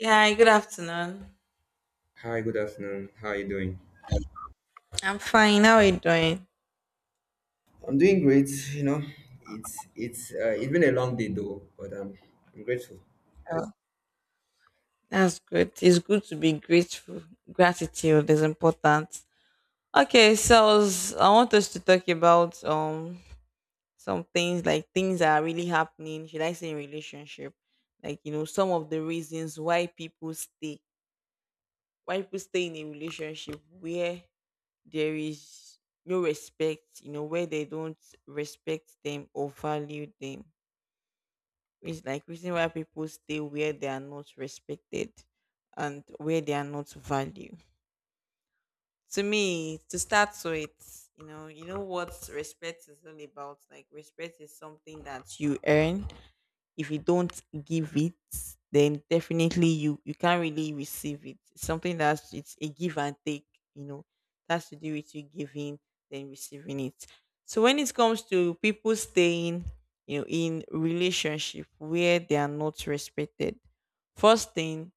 Yeah, hi, good afternoon. Hi, good afternoon. How are you doing? I'm fine. How are you doing? I'm doing great, you know. It's it's been a long day though, but I'm grateful. Oh, that's good. It's good to be grateful. Gratitude is important. Okay, so I want us to talk about some things, like things that are really happening. Should I say in relationship? Like you know, some of the reasons why people stay in a relationship where there is no respect. You know, where they don't respect them or value them. It's like reason why people stay where they are not respected and where they are not valued. To me, to start with, you know what respect is all about. Like respect is something that you earn. If you don't give it, then definitely you can't really receive it. It's something that's, it's a give and take, you know. It has to do with you giving, then receiving it. So when it comes to people staying, you know, in relationship where they are not respected, first thing,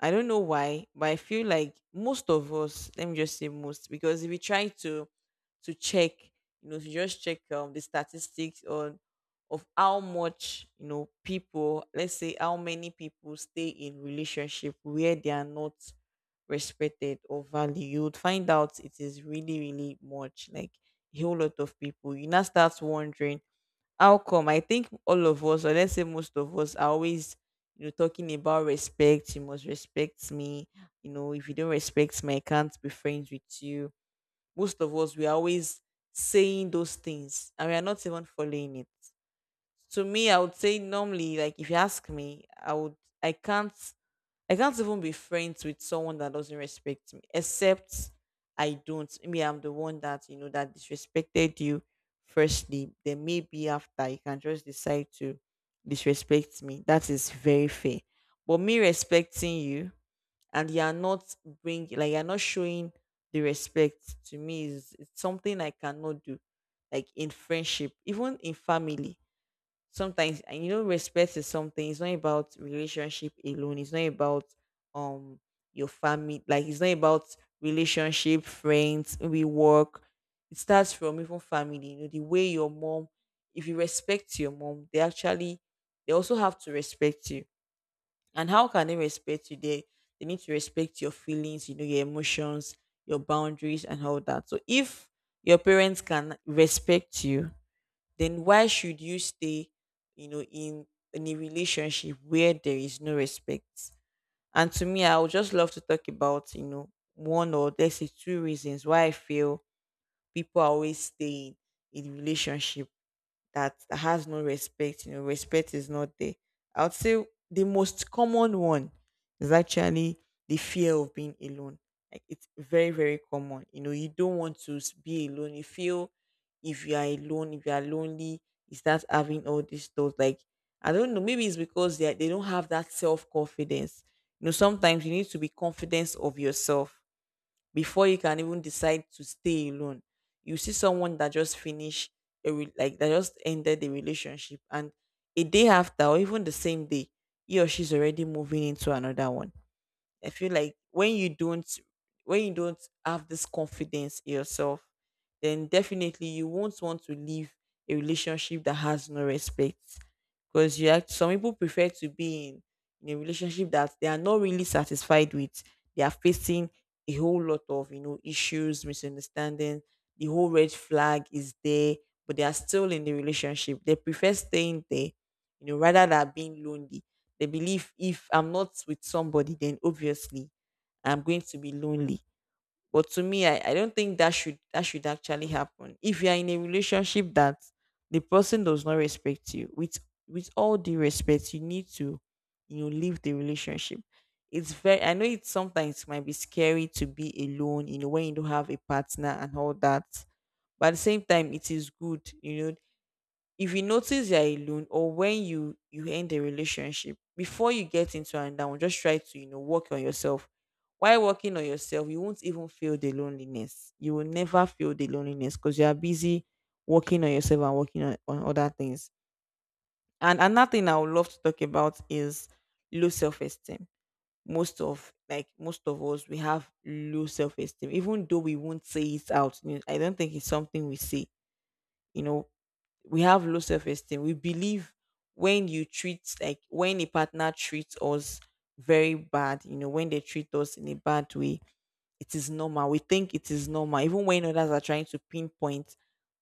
I don't know why, but I feel like most of us, let me just say most, because if we try to check, you know, to just check the statistics on of how much, you know, people, let's say how many people stay in relationship where they are not respected or valued, you would find out it is really, really much, like a whole lot of people. You now start wondering how come? I think all of us, or let's say most of us, are always, you know, talking about respect. You must respect me. You know, if you don't respect me, I can't be friends with you. Most of us, we are always saying those things, and we are not even following it. To me, I would say normally, like if you ask me, I would, I can't I can't even be friends with someone that doesn't respect me, except I don't. Maybe I'm the one that you know that disrespected you firstly. Then maybe after you can just decide to disrespect me. That is very fair. But me respecting you and you are not bring like you're not showing the respect to me is, it's something I cannot do. Like in friendship, even in family, sometimes, and you know respect is something, it's not about relationship alone, it's not about um your family, like it's not about relationship, friends, we work. It starts from even family. You know the way your mom, if you respect your mom, they actually, they also have to respect you. And how can they respect you? They need to respect your feelings, you know, your emotions, your boundaries, and all that. So if your parents can respect you, then why should you stay, you know, in a relationship where there is no respect? And to me, I would just love to talk about, you know, one, or let's say two reasons why I feel people are always staying in relationship that that has no respect, you know, respect is not there. I would say the most common one is actually the fear of being alone. Like it's very, very common. You know, you don't want to be alone. You feel if you are alone, if you are lonely, you start having all these thoughts. Like, I don't know, maybe it's because they don't have that self confidence. You know, sometimes you need to be confident of yourself before you can even decide to stay alone. You see someone that just finished like that just ended the relationship, and a day after or even the same day, he or she's already moving into another one. I feel like when you don't have this confidence in yourself, then definitely you won't want to leave a relationship that has no respect. Because you act, some people prefer to be in a relationship that they are not really satisfied with. They are facing a whole lot of you know issues, misunderstanding, the whole red flag is there, but they are still in the relationship. They prefer staying there, you know, rather than being lonely. They believe if I'm not with somebody, then obviously I'm going to be lonely. But to me, I don't think that should actually happen. If you are in a relationship that the person does not respect you, with all the respect, you need to you know leave the relationship. It's very, I know it sometimes might be scary to be alone, you know, when you don't have a partner and all that. But at the same time, it is good, you know, if you notice you're alone, or when you end a relationship before you get into another one, just try to you know work on yourself. While working on yourself, you won't even feel the loneliness. You will never feel the loneliness, because you are busy working on yourself and working on other things. And another thing I would love to talk about is low self-esteem. Most of us, we have low self-esteem, even though we won't say it out, you know, I don't think it's something we say, you know, we have low self esteem. We believe when a partner treats us very bad, you know, when they treat us in a bad way, it is normal. We think it is normal, even when others are trying to pinpoint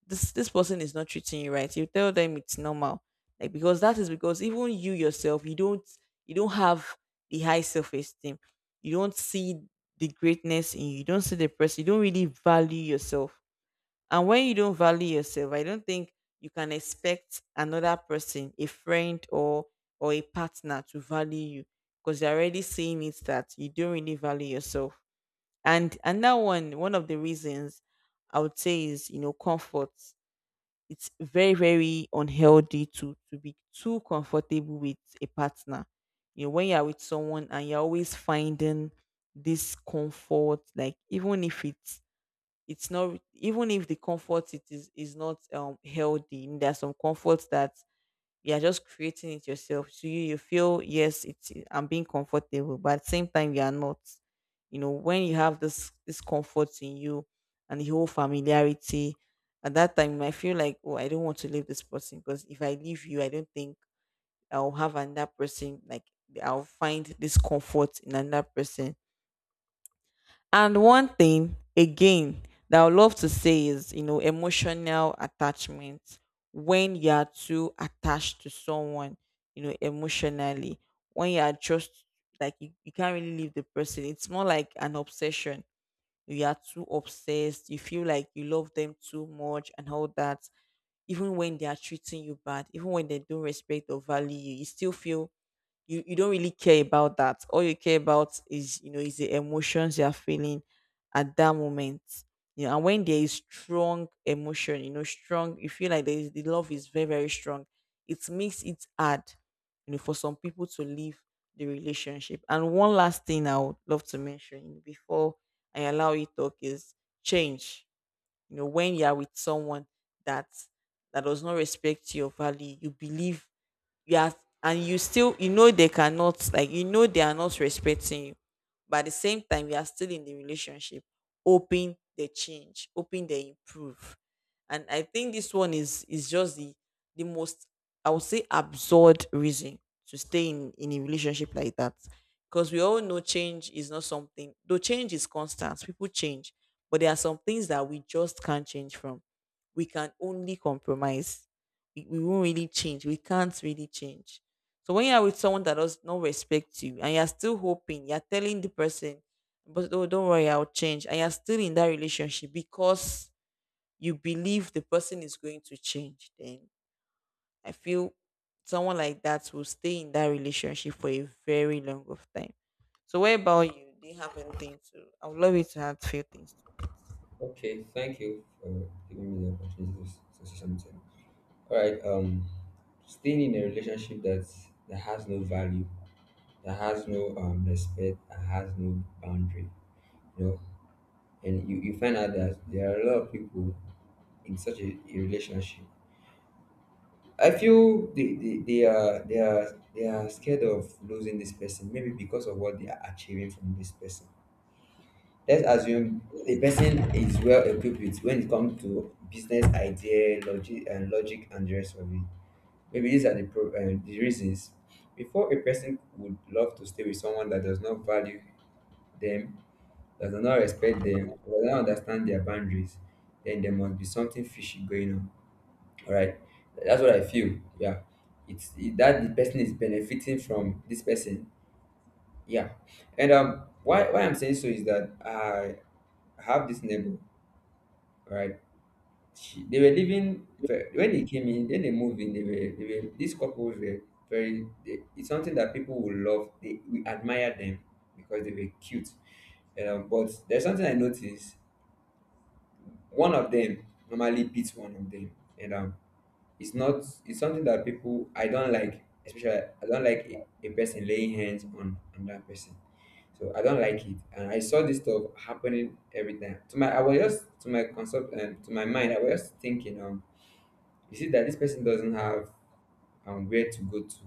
this person is not treating you right. You tell them it's normal, like, because that is because even you yourself, you don't have the high self esteem. You don't see the greatness in you. You don't see the person. You don't really value yourself. And when you don't value yourself, I don't think you can expect another person, a friend or a partner to value you, because they're already seeing it that you don't really value yourself. And that one, one of the reasons I would say is, you know, comfort. It's very, very unhealthy to be too comfortable with a partner. You know, when you're with someone and you're always finding this comfort, like even if it's not, even if the comfort it is not healthy, there are some comforts that you are just creating it yourself, so you feel yes it's, I'm being comfortable, but at the same time you are not. You know, when you have this comfort in you and the whole familiarity, at that time you might feel like, oh, I don't want to leave this person, because if I leave you, I don't think I'll have another person, like I'll find this comfort in another person. And one thing again that I would love to say is, you know, emotional attachment. When you are too attached to someone, you know, emotionally, when you are just like you can't really leave the person. It's more like an obsession. You are too obsessed. You feel like you love them too much and all that. Even when they are treating you bad, even when they don't respect or value you, you still feel you don't really care about that. All you care about is you know is the emotions you are feeling at that moment. You know, and when there is strong emotion, you know, strong, you feel like there is, the love is very very strong. It makes it hard, you know, for some people to leave the relationship. And one last thing I would love to mention, you know, before I allow you talk is change. You know, when you are with someone that that does not respect your value, you believe you are, and you still you know they cannot, like you know they are not respecting you, but at the same time you are still in the relationship, hoping they change, hoping they improve. And I think this one is just the most, I would say, absurd reason to stay in a relationship like that, because we all know change is not something, though change is constant, people change, but there are some things that we just can't change from. We can only compromise. We won't really change. We can't really change. So when you're with someone that does not respect you and you're still hoping, you're telling the person, but oh, don't worry, I'll change. And you're still in that relationship because you believe the person is going to change, then I feel someone like that will stay in that relationship for a very long of time. So what about you? Do you have anything to, I would love you to have few things. Okay, thank you for giving me the opportunity to say something. All right, staying in a relationship that has no value, that has no respect, that has no boundary, you know, and you find out that there are a lot of people in such a relationship. I feel they are scared of losing this person, maybe because of what they are achieving from this person. Let's assume the person is well equipped with when it comes to business idea, logic and the rest of it. Maybe these are the reasons. Before a person would love to stay with someone that does not value them, does not respect them, does not understand their boundaries, then there must be something fishy going on. All right, that's what I feel. Yeah, it's that the person is benefiting from this person. Yeah, and why I'm saying so is that I have this neighbor. All right, they were when they moved in they were these couples were very. It's something that people will love, they we admire them because they were cute. And but there's something I noticed: one of them normally beats one of them. And it's not. It's something that people, I don't like. Especially, I don't like a person laying hands on another person. So I don't like it, and I saw this stuff happening every time. I was just to my concept and to my mind, I was just thinking, is it that this person doesn't have where to go to?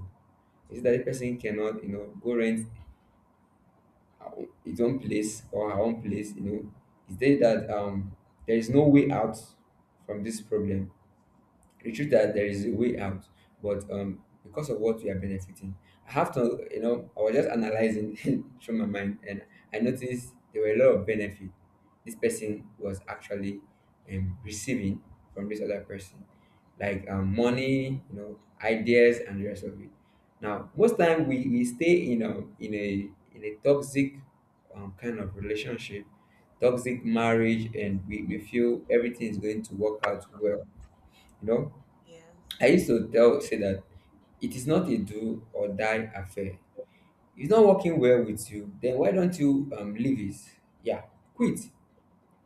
Is it that this person cannot, you know, go rent his own place or her own place? You know, is there that there is no way out from this problem? The truth that there is a way out, but because of what we are benefiting, I have to, you know, I was just analyzing through my mind, and I noticed there were a lot of benefit this person was actually receiving from this other person, like money, ideas, and the rest of it. Now, most time we stay in a in a toxic kind of relationship, toxic marriage, and we feel everything is going to work out well, you know To Yes. I used to tell say that it is not a do or die affair. It's not working well with you. Then why don't you leave it? Yeah, quit.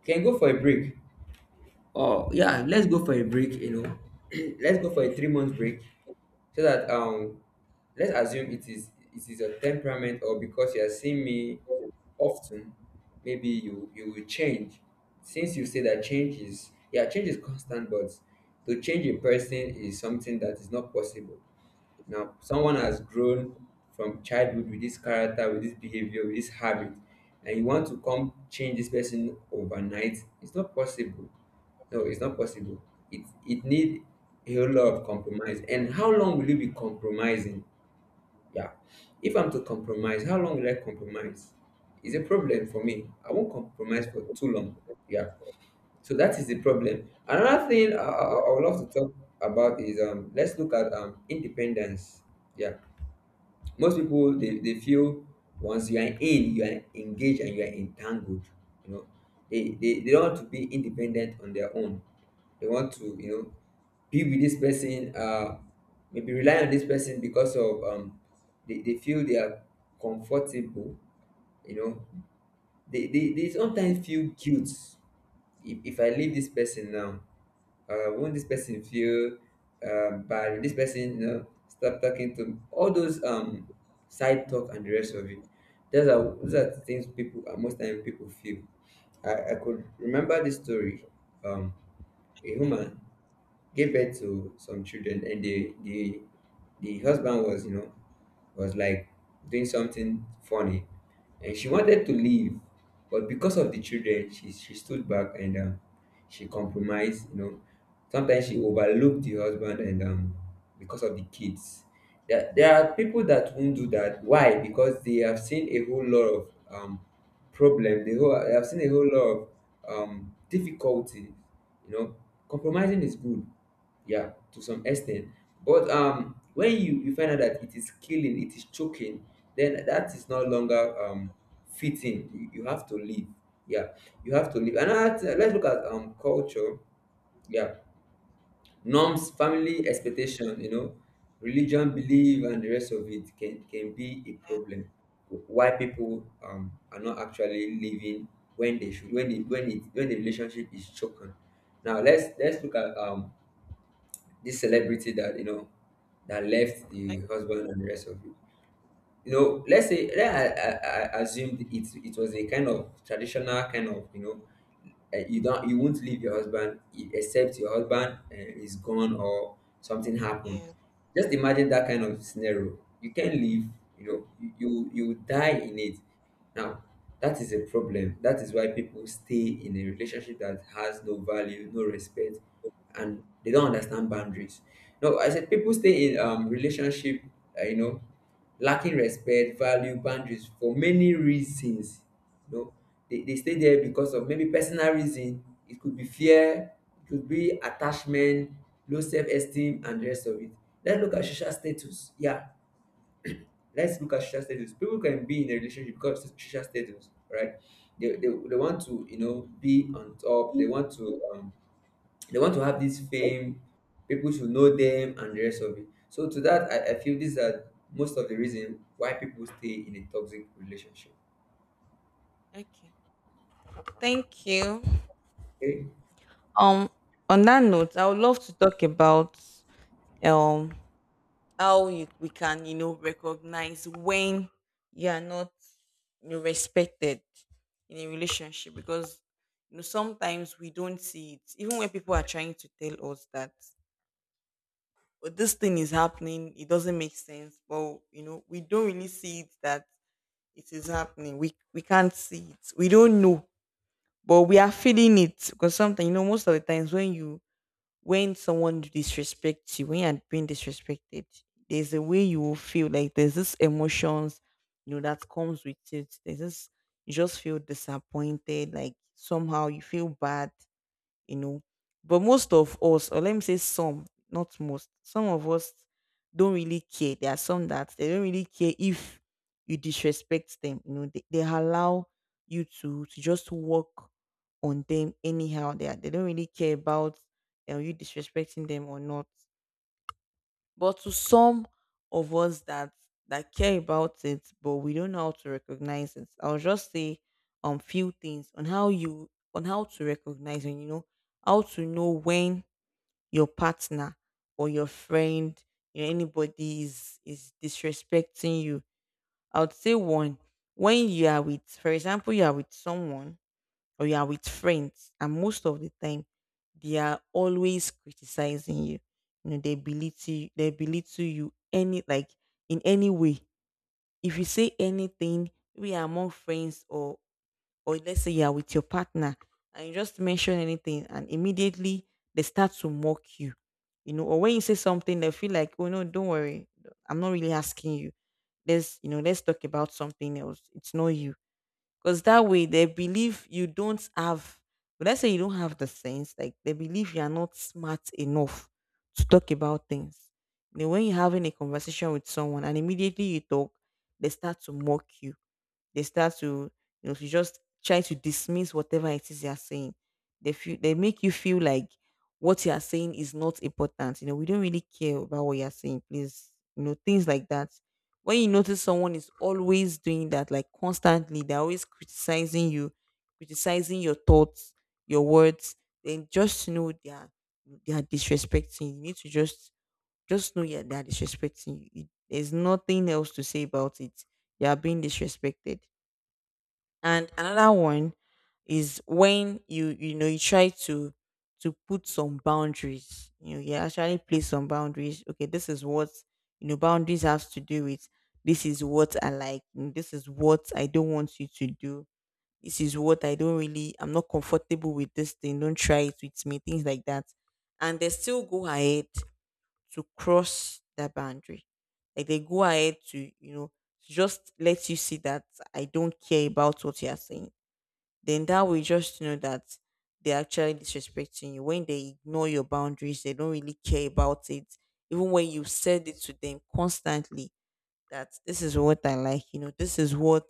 Can go for a break. Oh yeah, let's go for a break. You know, let's go for a 3-month break so that let's assume it is a temperament or because you are seeing me often, maybe you will change. Since you say that change is constant, but to change a person is something that is not possible. Now, someone has grown from childhood with this character, with this behavior, with this habit, and you want to come change this person overnight, it's not possible. No, it's not possible. It need a whole lot of compromise. And how long will you be compromising? Yeah. If I'm to compromise, how long will I compromise? It's a problem for me. I won't compromise for too long. Yeah. So that is the problem. Another thing I would love to talk about is let's look at independence. Yeah. Most people they feel once you are in, you are engaged and you are entangled. You know, they don't want to be independent on their own. They want to, be with this person, maybe rely on this person because of they feel they are comfortable, you know. They sometimes feel guilt if I leave this person now, won't this person feel bad? Will this person, stop talking to me? All those side talk and the rest of it. Those are the things people most time people feel. I could remember this story. Um, a Okay. woman gave birth to some children, and the husband was, was like doing something funny, and she wanted to leave, but because of the children she stood back, and she compromised, sometimes she overlooked the husband. And because of the kids, there are people that won't do that. Why? Because they have seen a whole lot of problem. They, they have seen a whole lot of difficulty you know Compromising is good, yeah, to some extent. But when you find out that it is killing, it is choking, then that is no longer fitting. You have to leave. Yeah, you have to leave. Let's look at culture. Yeah, norms, family expectation, religion, belief, and the rest of it can be a problem. Why people are not actually living when they should, when the relationship is choking. Now, let's look at this celebrity that, that left Okay. the husband and the rest of you. You know, let's say, I assumed it was a kind of traditional kind of, you won't leave your husband except your husband, is gone or something happened. Yeah. Just imagine that kind of scenario, you can't leave. You die in it. Now, that is a problem. That is why people stay in a relationship that has no value, no respect, and they don't understand boundaries. No, I said people stay in relationship, uh, you know lacking respect, value, boundaries for many reasons. You know, they stay there because of maybe personal reason. It could be fear, it could be attachment, low self-esteem, and the rest of it. Let's look at social status. Yeah, let's look at social status. People can be in a relationship because of social status, right? They want to, be on top. They want to have this fame. People should know them and the rest of it. So to that, I feel these are most of the reason why people stay in a toxic relationship. Okay. Thank you. Okay. Um, on that note, I would love to talk about um how we can, you know, recognize when you are not, you know, respected in a relationship, because you know sometimes we don't see it even when people are trying to tell us that, "Oh, this thing is happening, it doesn't make sense," but you know we don't really see it, that it is happening. We can't see it, we don't know, but we are feeling it. Because sometimes, you know, most of the times when you when someone disrespects you, when you're being disrespected, there's a way you will feel, like there's this emotions, you know, that comes with it. There's this, you just feel disappointed, like somehow you feel bad, you know. But most of us, or let me say some, not most, some of us don't really care. There are some that they don't really care if you disrespect them. You know, they allow you to just walk on them anyhow. They are, they don't really care about you disrespecting them or not. But to some of us that care about it, but we don't know how to recognize it, I'll just say few things on how you on how to recognize, and you know how to know when your partner or your friend, you know, anybody is disrespecting you. I would say one, when you are with, for example, you are with someone or you are with friends, and most of the time they are always criticizing you. You know, they belittle you they belittle you, any, like in any way. If you say anything, we are among friends, or let's say you are with your partner and you just mention anything, and immediately they start to mock you. You know, or when you say something they feel like, oh no, don't worry, I'm not really asking you, let's, you know, let's talk about something else, it's not you. Because that way they believe you don't have, let's say you don't have the sense, like they believe you are not smart enough to talk about things. You know, when you're having a conversation with someone and immediately you talk, they start to mock you they Start to, you know, to just try to dismiss whatever it is they are saying. They feel, they make you feel like what you are saying is not important. You know, we don't really care about what you are saying. Please, you know, things like that. When you notice someone is always doing that, like constantly, they're always criticizing you, criticizing your thoughts, your words, then just know they are disrespecting. You need to just know, yeah, they are disrespecting you. There's nothing else to say about it. You are being disrespected. And another one is when you know, you try to put some boundaries. You know, you actually place some boundaries. Okay, this is what, you know, boundaries has to do with, this is what I like, this is what I don't want you to do. This is what I don't really, I'm not comfortable with this thing. Don't try it with me, things like that. And they still go ahead to cross that boundary. Like they go ahead to, you know, to just let you see that, I don't care about what you are saying. Then that way you just know that they're actually disrespecting you. When they ignore your boundaries, they don't really care about it. Even when you said it to them constantly, that this is what I like, you know, this is what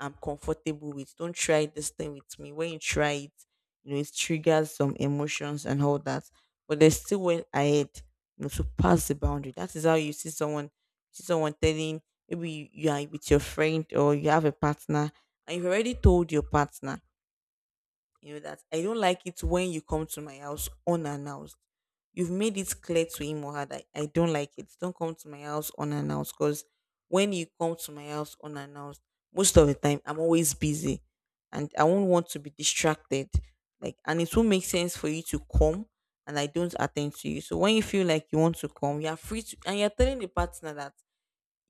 I'm comfortable with, don't try this thing with me, when you try it, you know, it triggers some emotions and all that, but they still went ahead, you know, to pass the boundary. That is how you see someone telling, maybe you are with your friend or you have a partner, and you've already told your partner, you know, that I don't like it when you come to my house unannounced. You've made it clear to him or her that I don't like it. Don't come to my house unannounced, because when you come to my house unannounced, most of the time I'm always busy and I won't want to be distracted. Like, and it won't make sense for you to come and I don't attend to you. So when you feel like you want to come, you are free to, and you're telling the partner that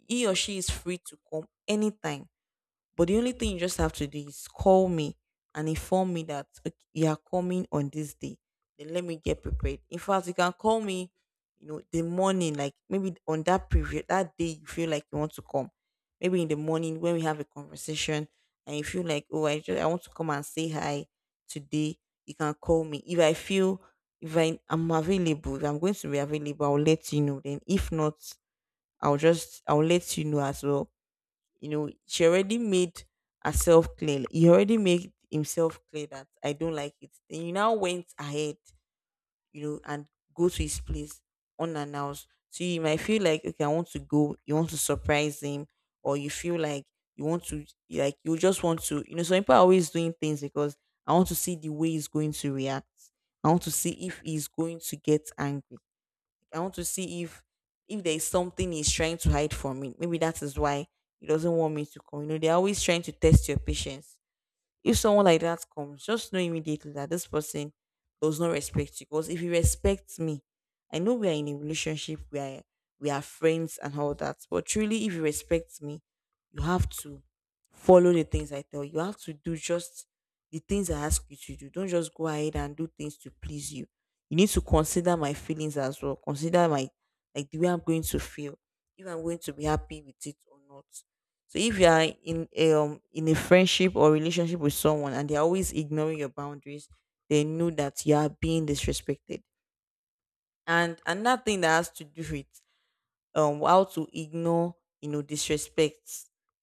he or she is free to come anytime, but the only thing you just have to do is call me and inform me that, "Okay, you are coming on this day. Then let me get prepared." In fact, you can call me, you know, the morning, like maybe on that period, that day you feel like you want to come. Maybe in the morning when we have a conversation, and you feel like, oh, I want to come and say hi today. You can call me. If I am available, if I'm going to be available, I'll let you know. Then if not, I'll let you know as well. You know, she already made herself clear, he already made himself clear, that I don't like it. Then you now went ahead, you know, and go to his place unannounced. So you might feel like, okay, I want to go, you want to surprise him, or you feel like you want to, like you just want to, you know, some people are always doing things because, I want to see the way he's going to react, I want to see if he's going to get angry, I want to see if there is something he's trying to hide from me. Maybe that is why he doesn't want me to come. You know, they're always trying to test your patience. If someone like that comes, just know immediately that this person does not respect you. Because if you respect me, I know we are in a relationship where we are friends and all that. But truly, if you respect me, you have to follow the things I tell you. You have to do just the things I ask you to do. Don't just go ahead and do things to please you. You need to consider my feelings as well. Consider my, like the way I'm going to feel, if I'm going to be happy with it or not. So if you are in a friendship or relationship with someone and they're always ignoring your boundaries, they know that you are being disrespected. And another thing that has to do with how to ignore, you know, disrespect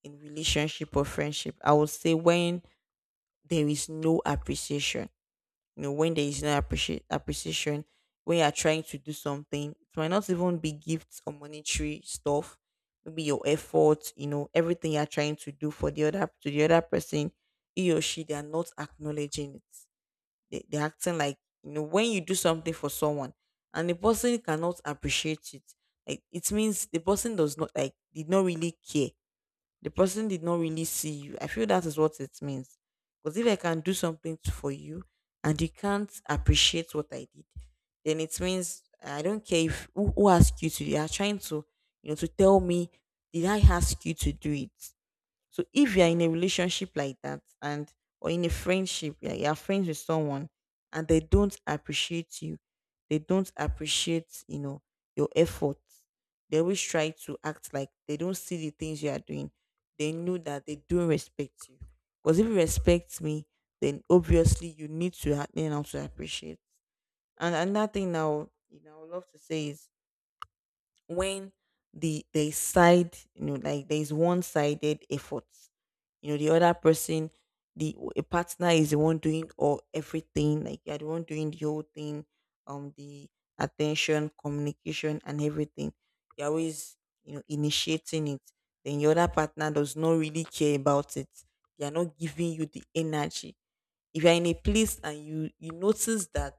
in relationship or friendship, I would say when there is no appreciation. You know, when there is no appreciate appreciation, when you are trying to do something, it might not even be gifts or monetary stuff. Maybe your effort, you know, everything you are trying to do for the other person, he or she, they are not acknowledging it. They're acting like, you know, when you do something for someone and the person cannot appreciate it, like it means the person does not like did not really care, the person did not really see you. I feel that is what it means. Because if I can do something for you and you can't appreciate what I did, then it means I don't care. If who, asked you to? You are trying to, you know, to tell me, did I ask you to do it? So if you're in a relationship like that, and or in a friendship, yeah, you're friends with someone and they don't appreciate you, they don't appreciate, you know, your efforts. They always try to act like they don't see the things you are doing. They know that they don't respect you. Because if you respect me, then obviously you need to learn how to appreciate. And another thing now, you know, I would love to say is, when the there is side you know, like there is one-sided efforts, you know, the other person, the a partner is the one doing all everything, like you're the one doing the whole thing, the attention, communication and everything. You're always, you know, initiating it, then your other partner does not really care about it, they are not giving you the energy. If you're in a place and you notice that,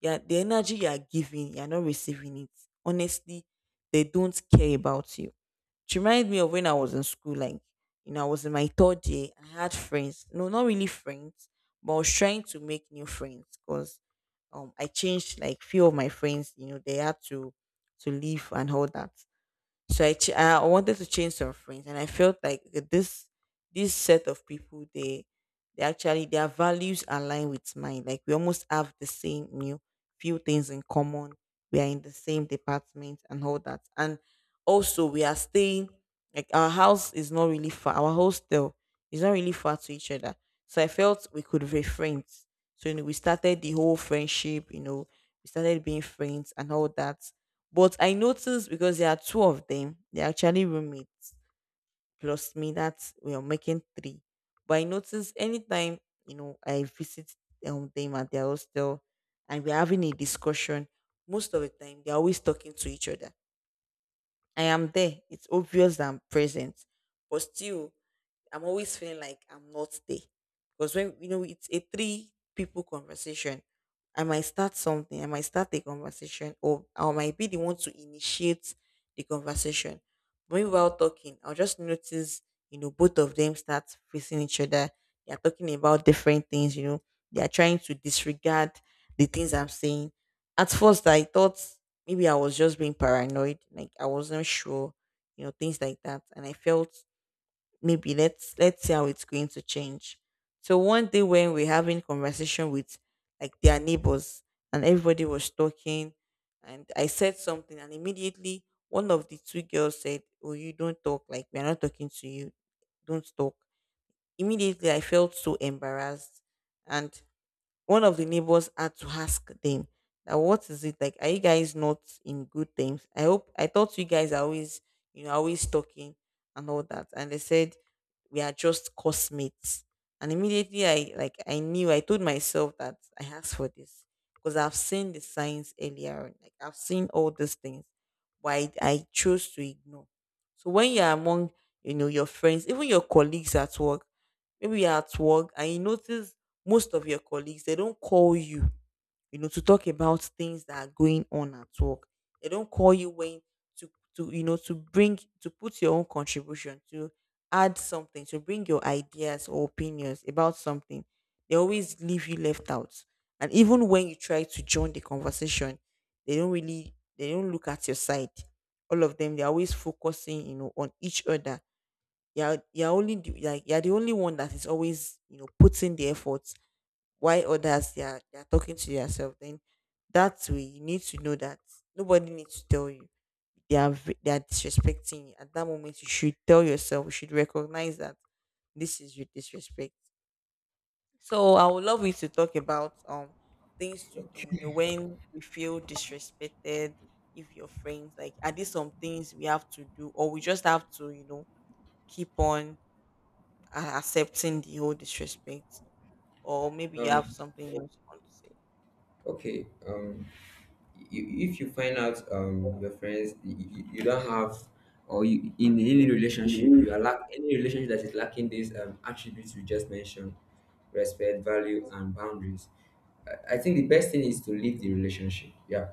yeah, the energy you are giving, you're not receiving it. Honestly, they don't care about you. It reminds me of when I was in school. Like, you know, I was in my third year. I had friends. No, not really friends, but I was trying to make new friends, because I changed like few of my friends, you know, they had to leave and all that. I wanted to change some friends, and I felt like this this set of people they actually their values align with mine. Like we almost have the same few things in common. We are in the same department and all that, and also we are staying like our house is not really far. Our hostel is not really far to each other, so I felt we could be friends. So we started the whole friendship. We started being friends and all that but I noticed because there are two of them, they're actually roommates plus me, that's we are making three. But I noticed anytime, I visit them at their hostel and we're having a discussion, most of the time they're always talking to each other. I am there. It's obvious that I'm present. But still, I'm always feeling like I'm not there. Because when it's a three people conversation, I might start something, I might start a conversation, or I might be the one to initiate the conversation. When we're out talking, I'll just notice, both of them start facing each other. They are talking about different things, they are trying to disregard the things I'm saying. At first I thought maybe I was just being paranoid, like I wasn't sure, things like that. And I felt maybe let's see how it's going to change. So one day when we're having conversation with like their neighbors and everybody was talking and I said something and immediately one of the two girls said, "Oh, you don't talk, like we're not talking to you. Don't talk." Immediately I felt so embarrassed and one of the neighbors had to ask them that, "What is it? Like, are you guys not in good terms? I hope. I thought you guys are always, always talking and all that." And they said, "We are just cosmates." And immediately I, like, I knew, I told myself that I asked for this because I've seen the signs earlier on, like I've seen all these things why I chose to ignore. So when you're among your friends, even your colleagues at work. Maybe you're at work and you notice most of your colleagues, they don't call you, to talk about things that are going on at work. They don't call you when to, to bring, to put your own contribution, to add something, to bring your ideas or opinions about something. They always leave you left out. And even when you try to join the conversation, they don't really, they don't look at your side, all of them, they're always focusing on each other. You're only the, like you're the only one that is always putting the effort while others they are talking to yourself. Then that way you need to know that nobody needs to tell you they are they are disrespecting you. At that moment you should tell yourself, you should recognize that this is your disrespect. So I would love you to talk about things to do, when we feel disrespected. If your friends, like, are these some things we have to do, or we just have to, keep on accepting the whole disrespect, or maybe you No, no. have something else you want to say. Okay, if you find out your friends, you don't have, or you, in any relationship you are lack, any relationship that is lacking these attributes we just mentioned: respect, value, and boundaries. I think the best thing is to leave the relationship. Yeah.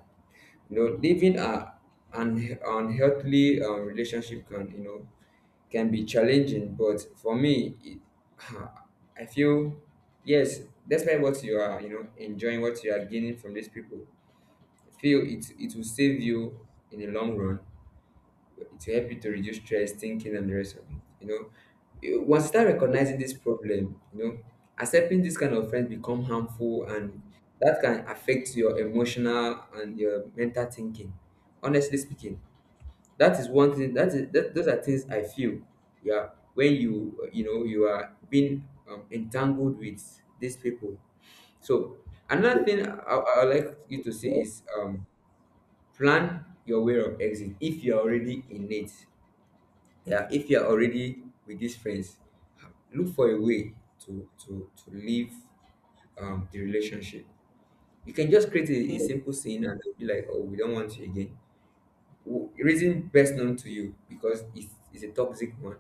You know, living a an unhealthy relationship can, can be challenging, but for me, I feel yes, despite what you are, enjoying, what you are gaining from these people, I feel it will save you in the long run, to help you to reduce stress, thinking, and the rest of it. You know, once you start recognizing this problem, accepting this kind of friends become harmful, and that can affect your emotional and your mental thinking. Honestly speaking, that is one thing. Those are things I feel. Yeah, when you, you know you are being, entangled with these people. So another thing I would like you to see is plan your way of exit if you are already in it. Yeah, if you're already with these friends, look for a way to leave the relationship. You can just create a Okay. simple scene, and they'll be like, "Oh, we don't want you again." Reason best known to you, because it's a toxic one.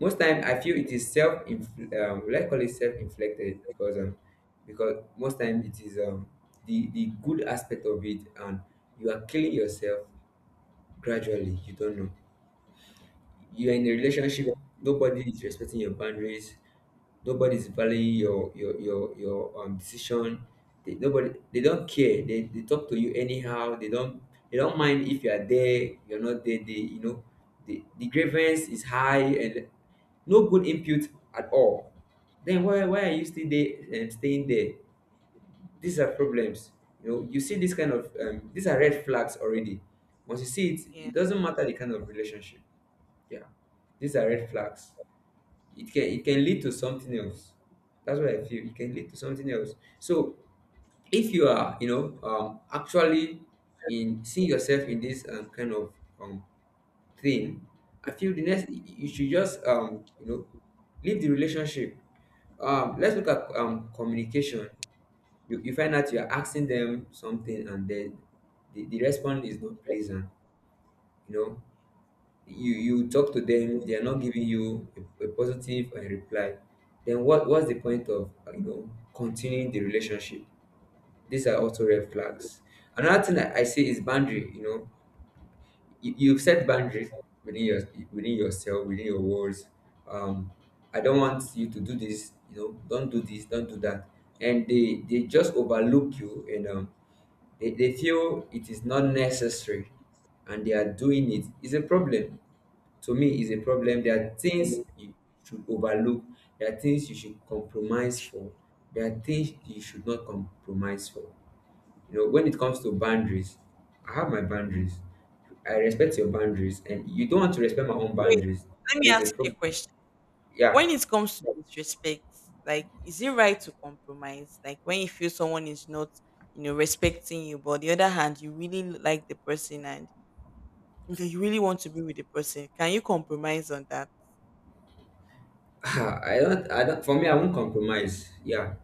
Most time, I feel it is self, will I call it self inflicted, because most time it is the good aspect of it, and you are killing yourself gradually. You don't know. You're in a relationship, nobody is respecting your boundaries, nobody is valuing your decision. Nobody, they don't care. They talk to you anyhow. They don't mind if you are there, you're not there. They you know the grievance is high, and no good input at all. Then why are you still there and staying there? These are problems. You see this kind of, these are red flags already. Once you see it Yes. doesn't matter the kind of relationship. Yeah, these are red flags. It can lead to something else. That's what I feel, it can lead to something else. So if you are, actually in seeing yourself in this, kind of um thing, I feel the next you should just, leave the relationship. Let's look at communication. You find out you're asking them something, and then the response is not pleasant. You know, you talk to them, they are not giving you a positive reply. Then what's the point of, continuing the relationship? These are also red flags. Another thing I say is boundary. You've set boundaries within your within yourself, within your words um I don't want you to do this. Don't do this, don't do that. And they just overlook you. And they feel it is not necessary, and they are doing it, is a problem. To me, is a problem. There are things you should overlook. There are things you should compromise for. There are things you should not compromise for. You know, when it comes to boundaries, I have my boundaries. I respect your boundaries, and you don't want to respect my own Wait. boundaries. Let me There's a ask you a problem. question. Yeah, When it comes to disrespect, like, is it right to compromise? Like, when you feel someone is not, respecting you, but on the other hand, you really like the person and you really want to be with the person, can you compromise on that? I don't. I don't. For me, I won't compromise. Yeah,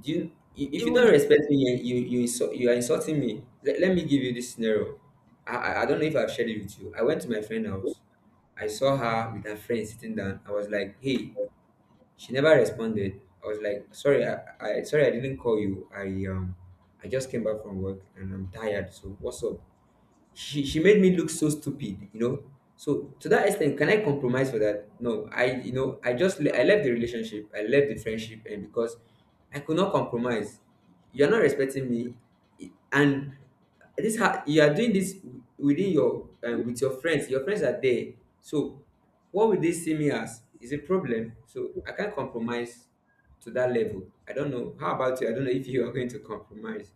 do you if you Even don't respect me, you are insulting me. Let me give you this scenario. I don't know if I've shared it with you. I went to my friend's house. I saw her with her friend sitting down. I was like, hey. She never responded. I was like, sorry, I sorry, I didn't call you i um i just came back from work, and I'm tired, so what's up? She made me look so stupid. So to that extent, can I compromise for that? No, I you know I just le- I left the relationship, I left the friendship, and because I could not compromise. You're not respecting me, and you are doing this with your friends are there. So what will they see me as, is a problem. So I can't compromise to that level. I don't know how about you, I don't know if you are going to compromise.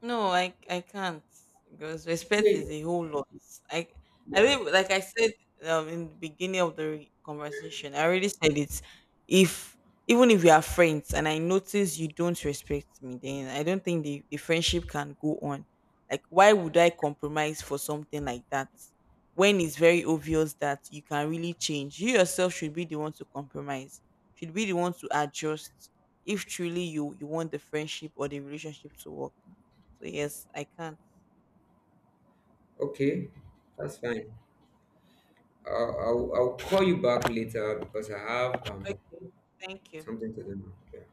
no, I can't because respect Okay. is a whole lot. I I Yeah. really, like I said, in the beginning of the conversation. I already said it. If even if we are friends and I notice you don't respect me, then I don't think the friendship can go on. Like, why would I compromise for something like that when it's very obvious that you can really change? You yourself should be the one to compromise. Should be the one to adjust if truly you want the friendship or the relationship to work. So yes, I can't. Okay, that's fine. I'll call you back later because I have, Okay. Thank you. something to do now. Okay.